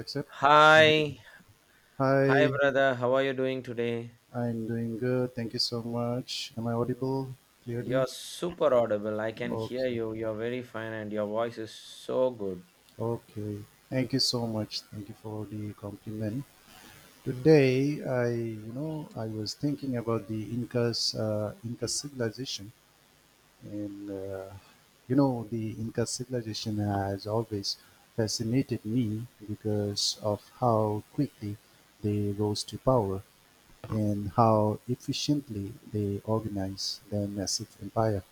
Accept. Hi, hi Hi, brother. How are you doing today? I'm doing good. Thank you so much. Am I audible You're clearly? super audible. I can hear Okay. you. You're very fine and your voice is so good. Okay. Thank you so much. Thank you for the compliment. Today, I I was thinking about the Incas, Inca civilization, and the Inca civilization has always fascinated me because of how quickly they rose to power and how efficiently they organize their massive empire.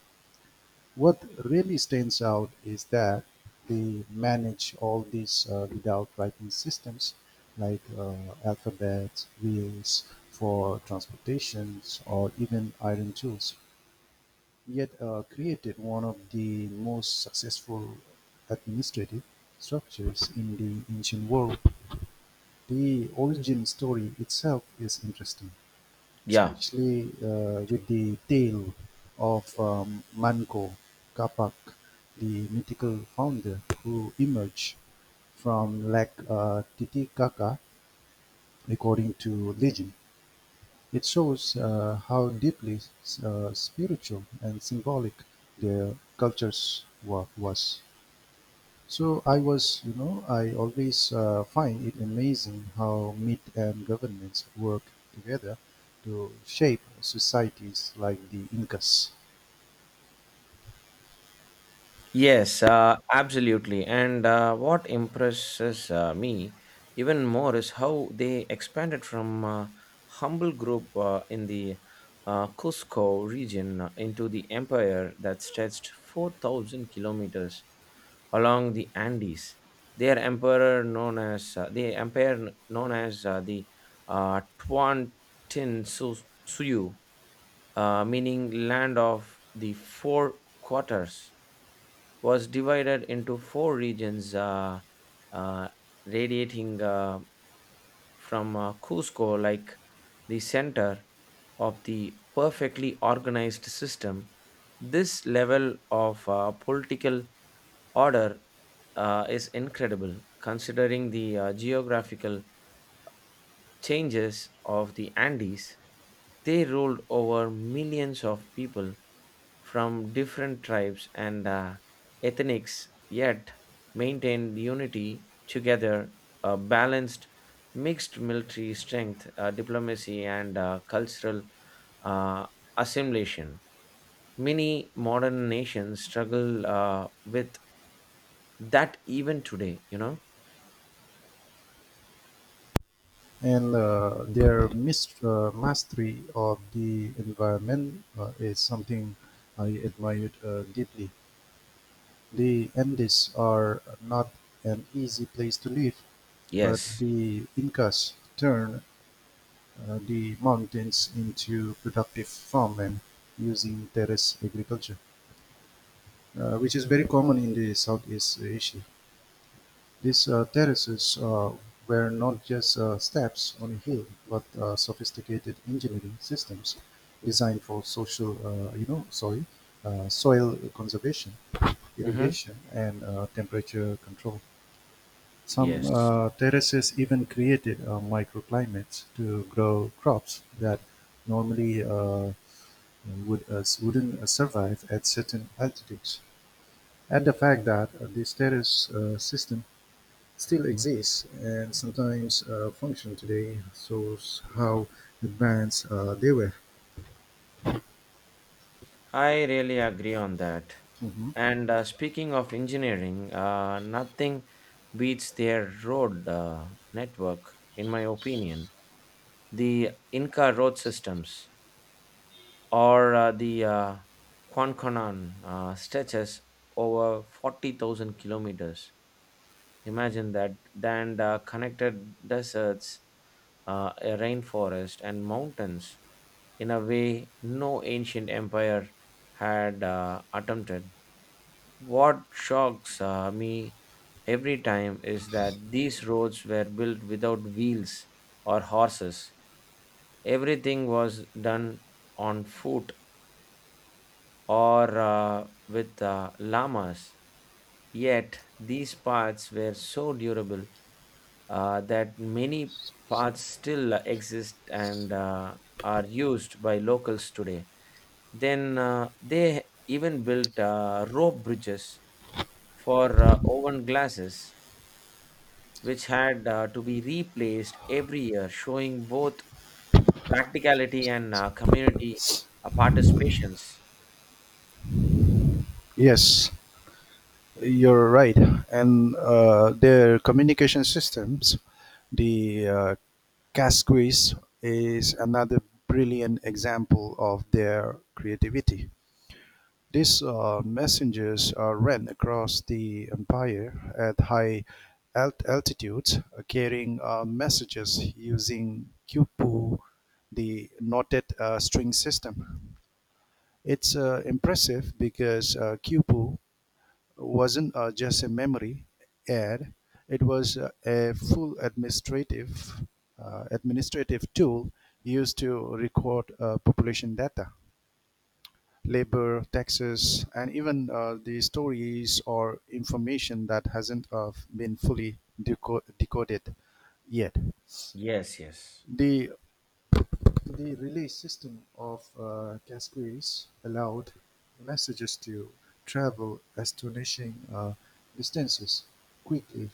What really stands out is that they manage all this without writing systems like alphabets, wheels for transportations, or even iron tools, yet created one of the most successful administrative structures in the ancient world. The origin story itself is interesting, Yeah. especially with the tale of Manco Capac, the mythical founder who emerged from Lake Titicaca, according to legend. It shows how deeply spiritual and symbolic their cultures was. So I was, I always find it amazing how myth and governments work together to shape societies like the Incas. Yes, absolutely. And what impresses me even more is how they expanded from humble group in the Cusco region into the empire that stretched 4,000 kilometers along the Andes. Their emperor known as the empire known as the Tuantin Suyu, meaning land of the four quarters, was divided into four regions uh, radiating from Cusco, like the center of the perfectly organized system. This level of political order is incredible considering the geographical changes of the Andes. They ruled over millions of people from different tribes and ethnics, yet maintained unity together, a balanced, mixed military strength, diplomacy, and cultural uh, assimilation. Many modern nations struggle with that even today, you know? And their mastery of the environment is something I admired deeply. The Andes are not an easy place to live, but Yes. the Incas turned the mountains into productive farmland using terrace agriculture, which is very common in the Southeast Asia. These terraces were not just steps on a hill, but sophisticated engineering systems designed for social, you know, sorry, soil conservation, hmm irrigation, and temperature control. Some Yes. Terraces even created microclimates to grow crops that normally wouldn't survive at certain altitudes, and the fact that the status system still exists and sometimes function today shows how advanced they were. I really agree on that. Mhm. And speaking of engineering, nothing beats their road network, in my opinion. The Inca road systems or the Quanconan stretches over 40,000 kilometers. Imagine that. Then the connected deserts, a rainforest, and mountains in a way no ancient empire had attempted. What shocks me every time is that these roads were built without wheels or horses. Everything was done on foot or with llamas. Yet these paths were so durable that many paths still exist and are used by locals today. Then they even built rope bridges for oven glasses, which had to be replaced every year, showing both practicality and community participations. Yes, you're right. And their communication systems, the Casquis, is another brilliant example of their creativity. These messengers are ran across the Empire at high altitudes, carrying messages using "qubpu", the knotted string system. It's impressive because qubpu wasn't just a memory aid; it was a full administrative tool used to record population data, labor, taxes, and even the stories or information that hasn't been fully decoded yet. Yes, yes, The, the relay system of Casquets allowed messages to travel astonishing distances quickly,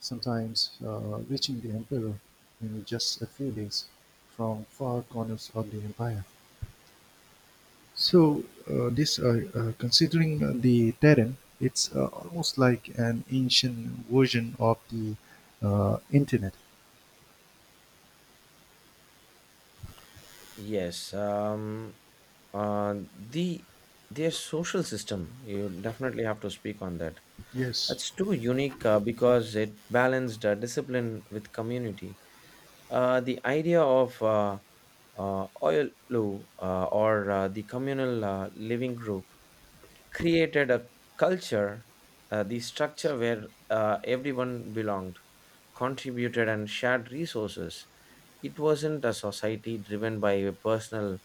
sometimes reaching the emperor in just a few days from far corners of the empire. So considering the terrain, it's almost like an ancient version of the internet. yes. Uh, the their social system, you definitely have to speak on that. Yes. That's too unique because it balanced discipline with community. The idea of oil or the communal living group created a culture, the structure where everyone belonged, contributed, and shared resources. It wasn't a society driven by a personal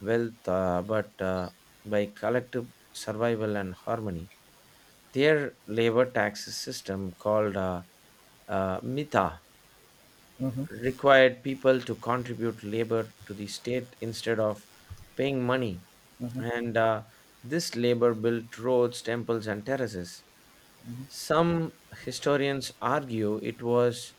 wealth, but by collective survival and harmony. Their labor tax system, called MITA, Hmm. required people to contribute labor to the state instead of paying money, Hmm. and this labor built roads, temples, and terraces. Hmm. Some historians argue it was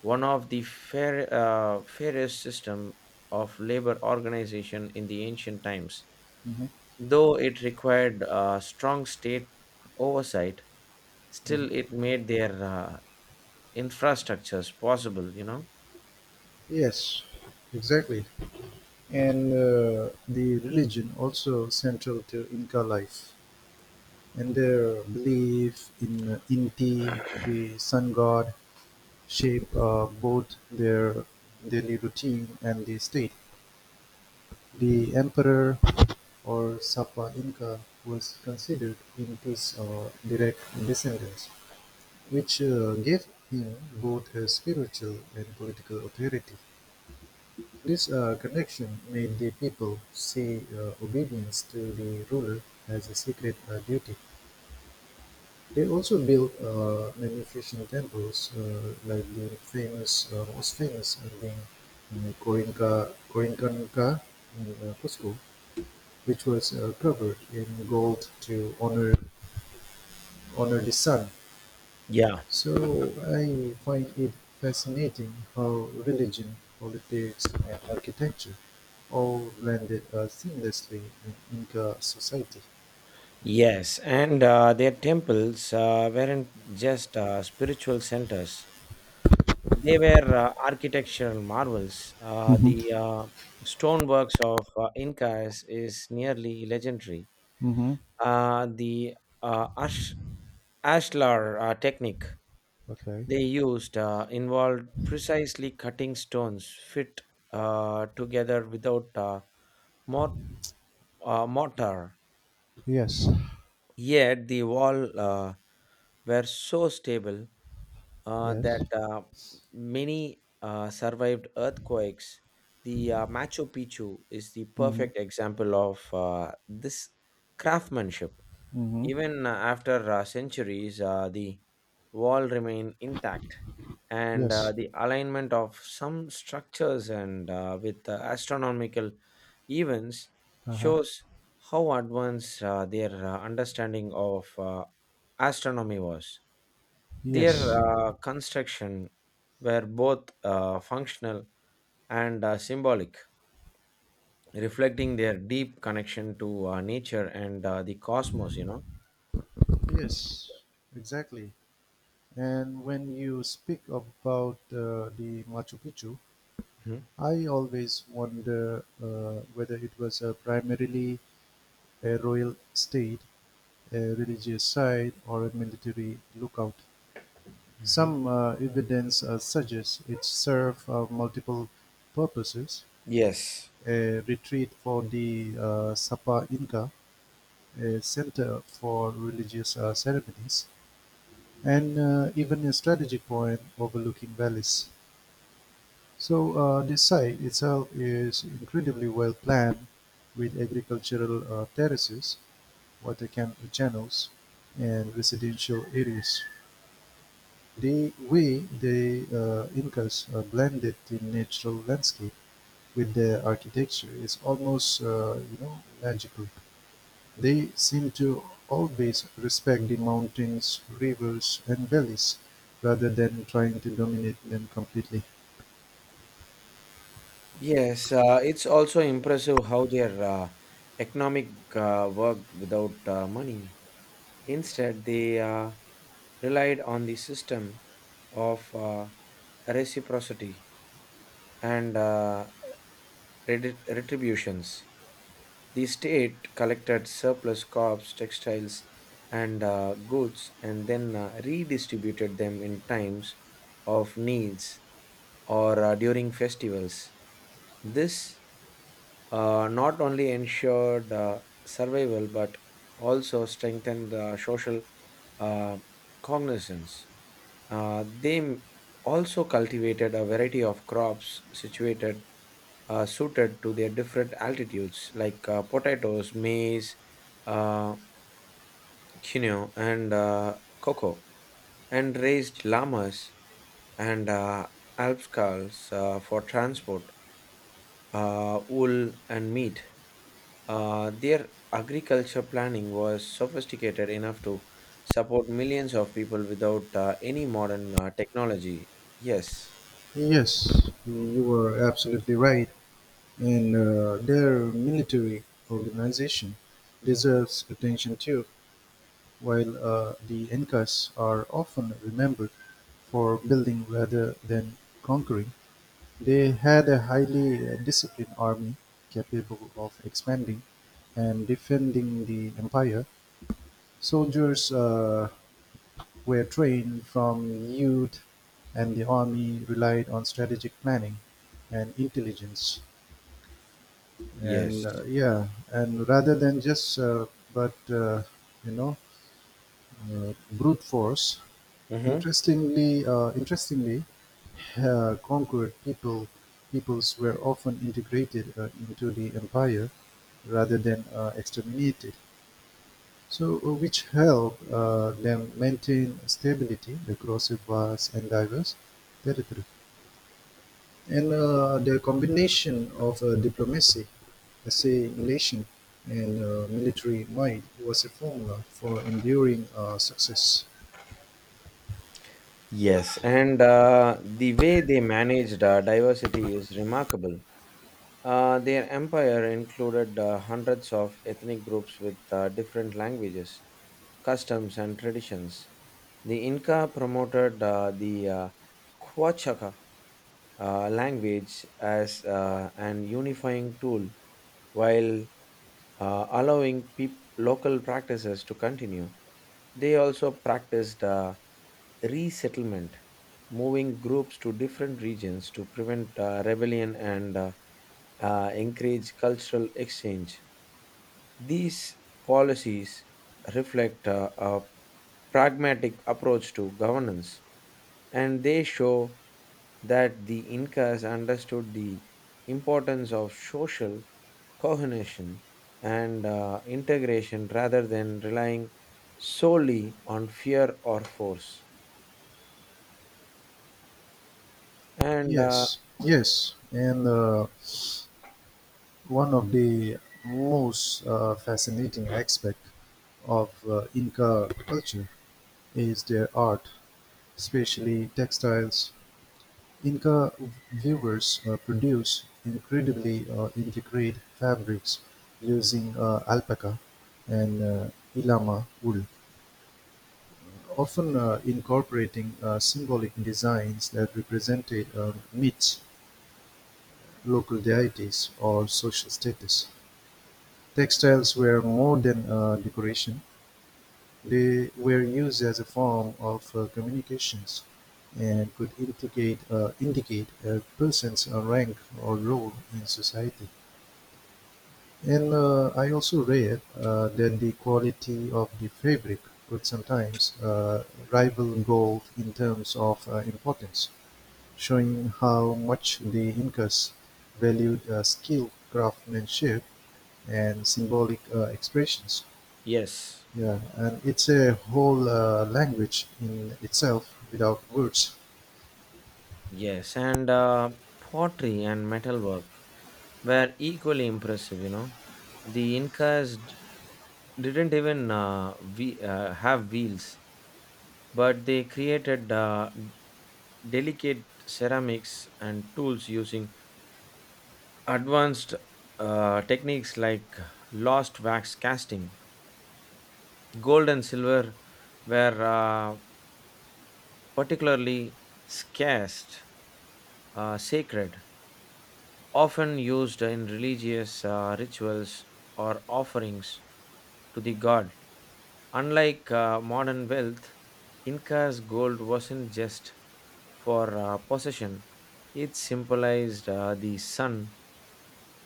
one of the fairest system of labor organization in the ancient times. Hmm. Though it required strong state oversight, Hmm. still it made their infrastructures possible, you know? Yes, exactly. And the religion also central to Inca life and their belief in Inti, the sun god, shape both their daily routine and the state. The emperor or Sapa Inca was considered Incas or direct descendants, which gave him both his spiritual and political authority. This connection made the people see obedience to the ruler as a sacred duty. They also built magnificent temples, most famous being Corincanca in Cusco, which was covered in gold to honor the sun. Yeah. So I find it fascinating how religion, politics, and architecture all blended seamlessly in Inca society. Yes, and their temples weren't just spiritual centers, they were architectural marvels. Mm-hmm. The stoneworks of Incas is nearly legendary. Mm-hmm. The uh, ash- ashlar technique Okay. they used involved precisely cutting stones fit together without mort- mortar. Yes. Yet the wall were so stable Yes. that many survived earthquakes. The Machu Picchu is the Mm-hmm. perfect example of this craftsmanship. Mm-hmm. Even after centuries, the wall remained intact and Yes. the alignment of some structures and with astronomical events Uh-huh. shows how advanced their understanding of astronomy was. Their Yes. Construction were both functional and symbolic, reflecting their deep connection to nature and the cosmos. You know. Yes, exactly. And when you speak about the Machu Picchu, Mhm. I always wonder whether it was a primarily a royal state, a religious site, or a military lookout. Mhm. Some evidence suggests it served multiple purposes: Yes. a retreat for the Sapa Inca, a center for religious ceremonies, and even a strategic point overlooking valleys. So the site itself is incredibly well planned with agricultural terraces, water channels, and residential areas. The way the Incas blended the natural landscape with their architecture is almost, magical. They seem to always respect the mountains, rivers, and valleys rather than trying to dominate them completely. Yes, it's also impressive how their economic worked without money. Instead, they relied on the system of reciprocity and retributions. The state collected surplus crops, textiles, and goods, and then redistributed them in times of needs or during festivals. This not only ensured survival but also strengthened the social uh, cognizance. They also cultivated a variety of crops situated suited to their different altitudes, like potatoes, maize, uh, quinoa, and cocoa, and raised llamas and alpacas for transport, wool, and meat. Their agriculture planning was sophisticated enough to support millions of people without any modern technology. Yes, Yes, you were absolutely right. And their military organization deserves attention too, while the Incas are often remembered for building rather than conquering. They had a highly disciplined army capable of expanding and defending the empire. Soldiers were trained from youth, and the army relied on strategic planning and intelligence. yes. And yeah and rather than just but you know Brute force, Mm-hmm. Interestingly conquered peoples were often integrated into the empire rather than exterminated, which helped them maintain stability across a vast and diverse territory. And the combination of diplomacy, assay relation, and military might was a formula for enduring success. Yes, and the way they managed diversity is remarkable. Their empire included hundreds of ethnic groups with different languages, customs, and traditions. The Inca promoted the Quechua language as an unifying tool while allowing local practices to continue. They also practiced resettlement, moving groups to different regions to prevent rebellion and encourage cultural exchange. These policies reflect a pragmatic approach to governance and they show that the Incas understood the importance of social cohesion and integration rather than relying solely on fear or force. And uh, Yes, yes. And one of the most fascinating aspects of Inca culture is their art, especially textiles. Inca weavers produce incredibly intricate fabrics using alpaca and llama wool, often incorporating symbolic designs that represented myths, local deities, or social status. Textiles were more than decoration. They were used as a form of communications and could indicate a person's rank or role in society. And I also read that the quality of the fabric could sometimes rival gold in terms of importance, showing how much the Incas valued skilled craftsmanship and symbolic expressions. yes, Yeah, and it's a whole language in itself without words. yes, and pottery and metalwork were equally impressive, you know. The Incas didn't even have wheels, but they created delicate ceramics and tools using advanced techniques like lost wax casting. Gold and silver were particularly scarce, sacred, often used in religious rituals or offerings to the god. Unlike modern wealth, Inca's gold wasn't just for possession, it symbolized the sun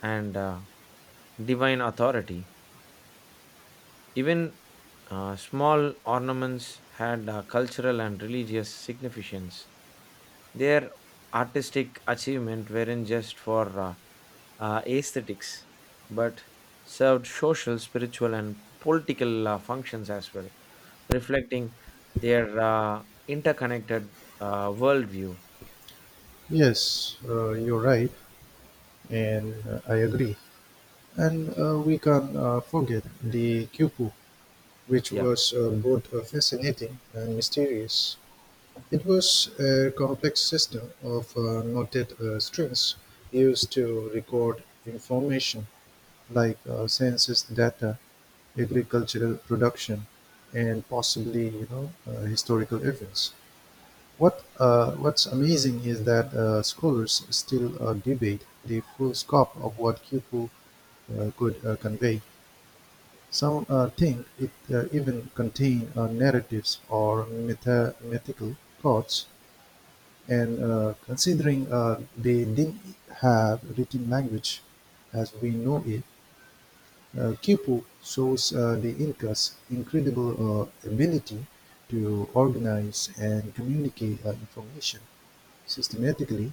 and divine authority. Even small ornaments had cultural and religious significance. Their artistic achievement weren't just for aesthetics, but served social, spiritual, and political functions as well, reflecting their interconnected worldview. Yes, you're right, and I agree. And we can forget the Kyopu, which Yeah. was both fascinating and mysterious. It was a complex system of knotted strings used to record information like census data, agricultural production, and possibly historical events. What's amazing is that scholars still debate the full scope of what Khufu could convey. Some think it even contained narratives or mythical thoughts, and considering they didn't have written language as we know it, Quipu shows the Incas' incredible ability to organize and communicate information systematically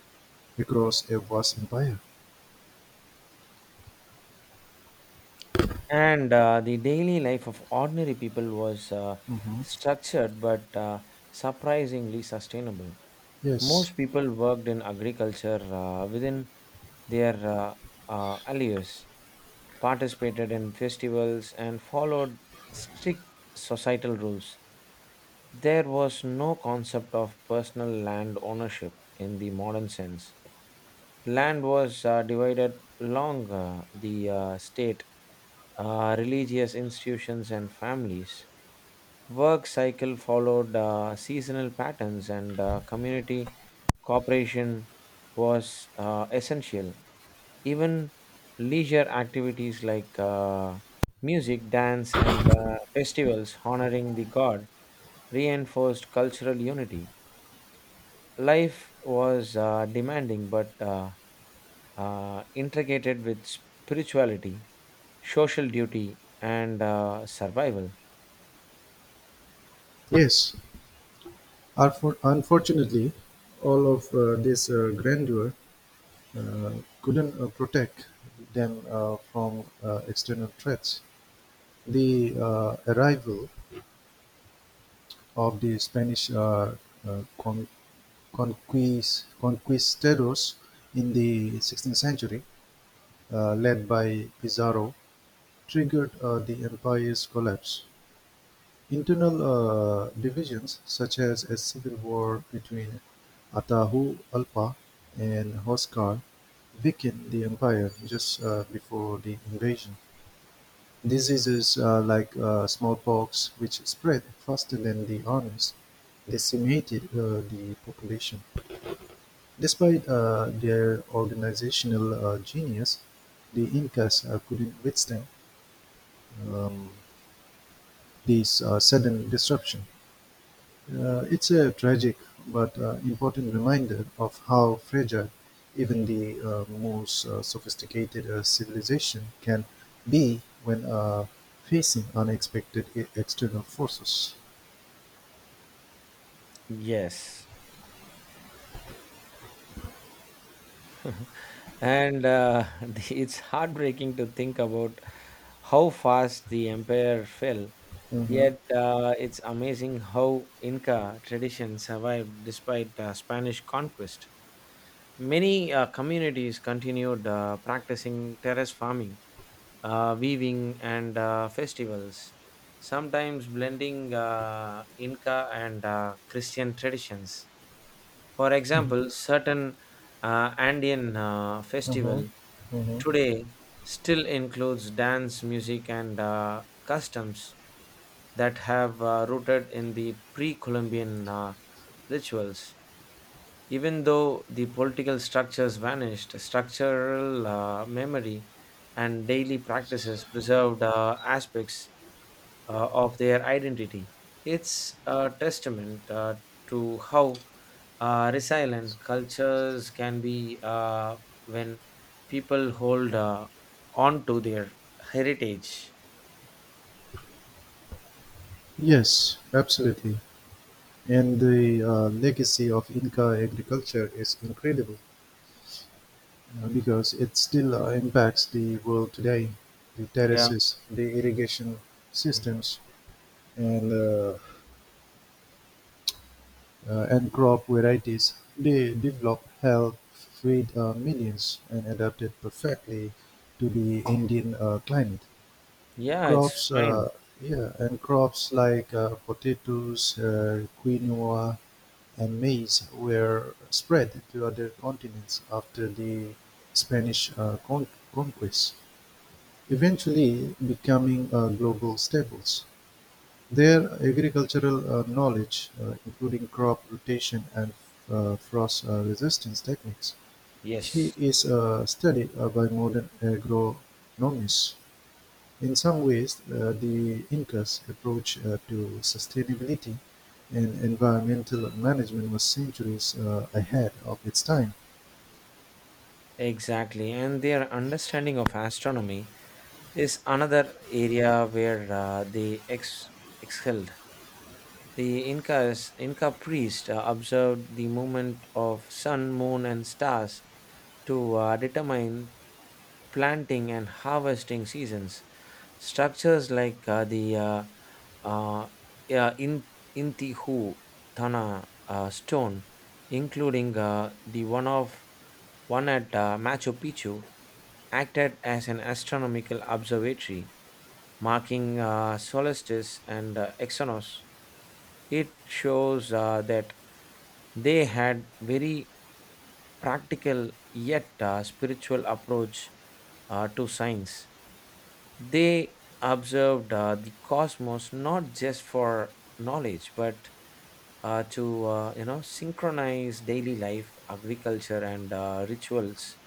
across a vast empire. And the daily life of ordinary people was structured but surprisingly sustainable. Yes, Most people worked in agriculture within their alleys, participated in festivals, and followed strict societal rules. There was no concept of personal land ownership in the modern sense. Land was divided along the state, religious institutions, and families work cycle followed seasonal patterns and community cooperation was essential. Even leisure activities like music, dance, and festivals honoring the god reinforced cultural unity. Life was demanding but integrated with spirituality, social duty, and survival. yes. Unfortunately, all of this grandeur uh, couldn't protect them from external threats. The arrival of the Spanish uh, con- conquistadors in the 16th century, led by Pizarro, triggered the empire's collapse. Internal divisions, such as a civil war between Atahu Alpa and Hoshkar, weakened the empire just before the invasion. Diseases like smallpox, which spread faster than the armies, decimated the population. Despite their organizational genius, the Incas couldn't withstand um, this sudden disruption. It's a tragic but important reminder of how fragile even the most sophisticated civilization can be when facing unexpected external forces. Yes. And it's heartbreaking to think about how fast the empire fell. Mm-hmm. Yet it's amazing how Inca tradition survived despite Spanish conquest. Many communities continued practicing terrace farming, weaving, and festivals, sometimes blending Inca and Christian traditions. For example, certain Andean Mm-hmm. festival Mm-hmm. today still includes dance, music, and customs that have rooted in the pre-Columbian rituals. Even though the political structures vanished, structural memory and daily practices preserved aspects of their identity. It's a testament to how resilient cultures can be when people hold on to their heritage. Yes, absolutely. And the legacy of Inca agriculture is incredible because it still impacts the world today. The Yeah, terraces, the irrigation systems, and uh, and crop varieties they developed helped feed millions and adapted perfectly to the Indian climate. yeah, it's Crops, fine. uh, yeah, and crops like potatoes, quinoa, and maize were spread to other continents after the Spanish conquest, eventually becoming global staples. Their agricultural knowledge, including crop rotation and frost resistance techniques, he Yes, is studied by modern agronomists. In some ways, the Incas' approach to sustainability and environmental management was centuries ahead of its time, exactly. And their understanding of astronomy is another area where they excelled. The Incas, Inca priest observed the movement of sun, moon, and stars to determine planting and harvesting seasons. Structures like the uh, yeah, in, Intihu Thana stone, including the one at Machu Picchu, acted as an astronomical observatory, marking solstice and exonos. It shows that they had very practical yet spiritual approach to science. They observed the cosmos not just for knowledge, but to synchronize daily life, agriculture, and rituals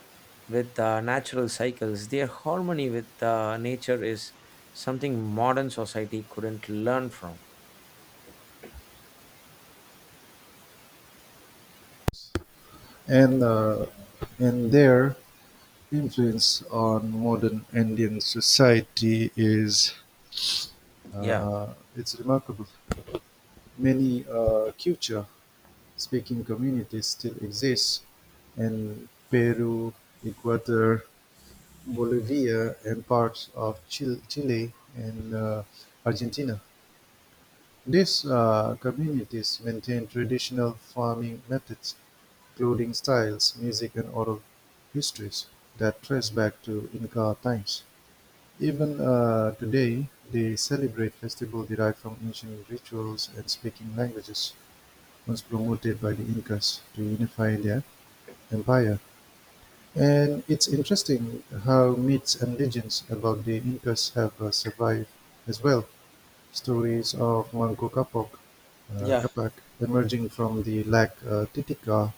with natural cycles. Their harmony with nature is something modern society couldn't learn from. and uh, and their influence on modern Indian society is Yeah. It's remarkable. Many Quechua-speaking communities still exist in Peru, Ecuador, Bolivia, and parts of Chile and Argentina. These communities maintain traditional farming methods, clothing styles, music, and oral histories that trace back to Inca times. Even today, they celebrate festivals derived from ancient rituals and speaking languages was promoted by the Incas to unify their empire. And it's interesting how myths and legends about the Incas have survived as well. Stories of Yeah. Capac emerging from the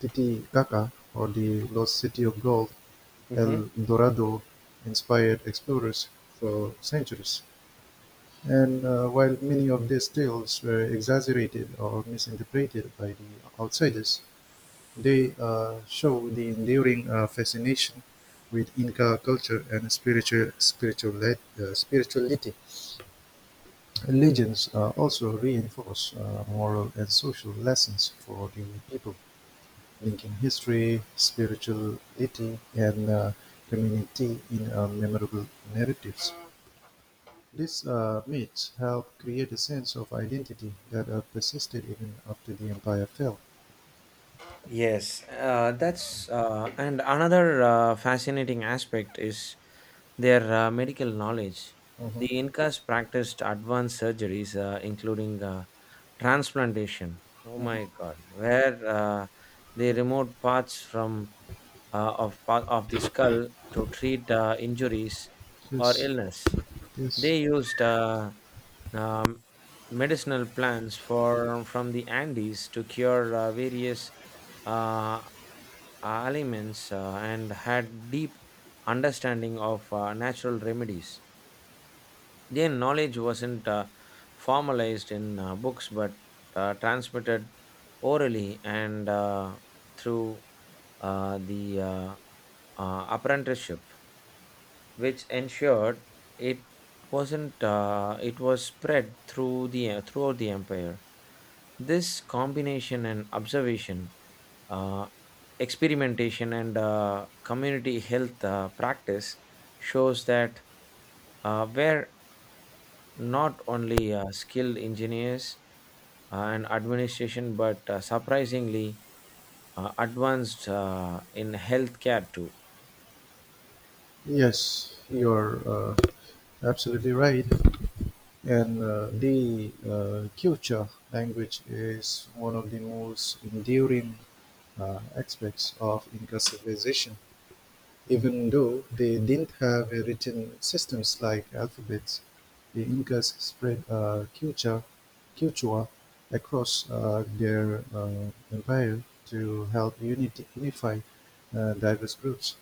Titicaca, or the lost city of gold, Mhm. El Dorado, inspired explorers for centuries. And while many of these tales were exaggerated or misinterpreted by the outsiders, they show the enduring fascination with Inca culture and spirituality. Legends also reinforce moral and social lessons for the people, linking history, spirituality, and community in memorable narratives. These myths help create a sense of identity that persisted even after the empire fell. Yes, that's and another fascinating aspect is their medical knowledge. The Mhm, Incas practiced advanced surgeries, including transplantation. Oh mhm. my God, where they removed parts from of part of the skull to treat injuries or Yes, illness. yes. They used um, medicinal plants for from the Andes to cure various uh, ailments and had deep understanding of natural remedies. Their knowledge wasn't formalized in books but transmitted orally and through the apprenticeship, which ensured it wasn't it was spread throughout the empire. This combination and observation, uh, experimentation, and community health practice shows that where not only skilled engineers and administration, but surprisingly advanced in healthcare too. Yes, you're absolutely right. And the Kiocha language is one of the most enduring aspects of Inca civilization, even though they didn't have a written systems like alphabets. The Incas spread Quechua across their empire to help unify diverse groups.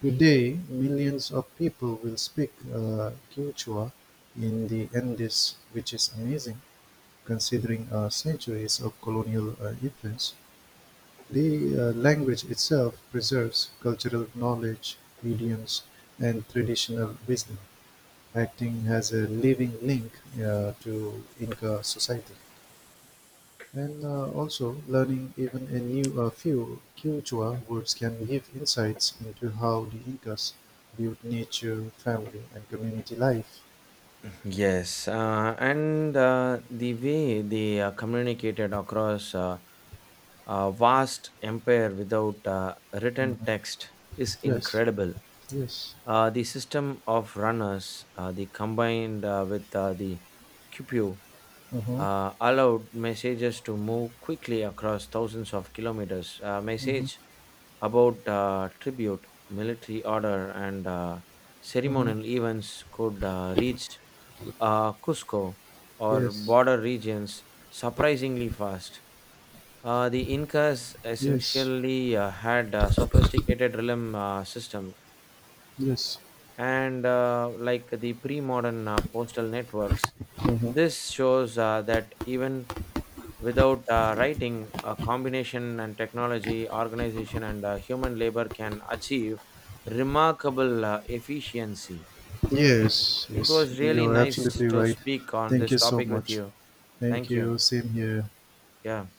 Today, millions of people will speak Quechua in the Andes, which is amazing considering centuries of colonial influence. The language itself preserves cultural knowledge, idioms, and traditional wisdom, acting as a living link to Inca society. And also, learning even a few Quechua words can give insights into how the Incas viewed nature, family, and community life. Yes, and the way they communicated across a vast empire without written text is Yes, incredible. yes, The system of runners, the combined with the cupoe uh-huh, allowed messages to move quickly across thousands of kilometers. A message uh-huh, about tribute, military order, and uh-huh. ceremonial events could reach Cusco or Yes, border regions surprisingly fast. The Incas yes, essentially had a sophisticated realm system yes, and like the pre-modern postal networks. uh-huh. This shows that even without writing, a combination and technology, organization, and human labor can achieve remarkable efficiency. Yes, It yes. was really You're nice absolutely to right. speak on Thank this you so topic with much. you. Thank Thank you. you. Same here. Yeah.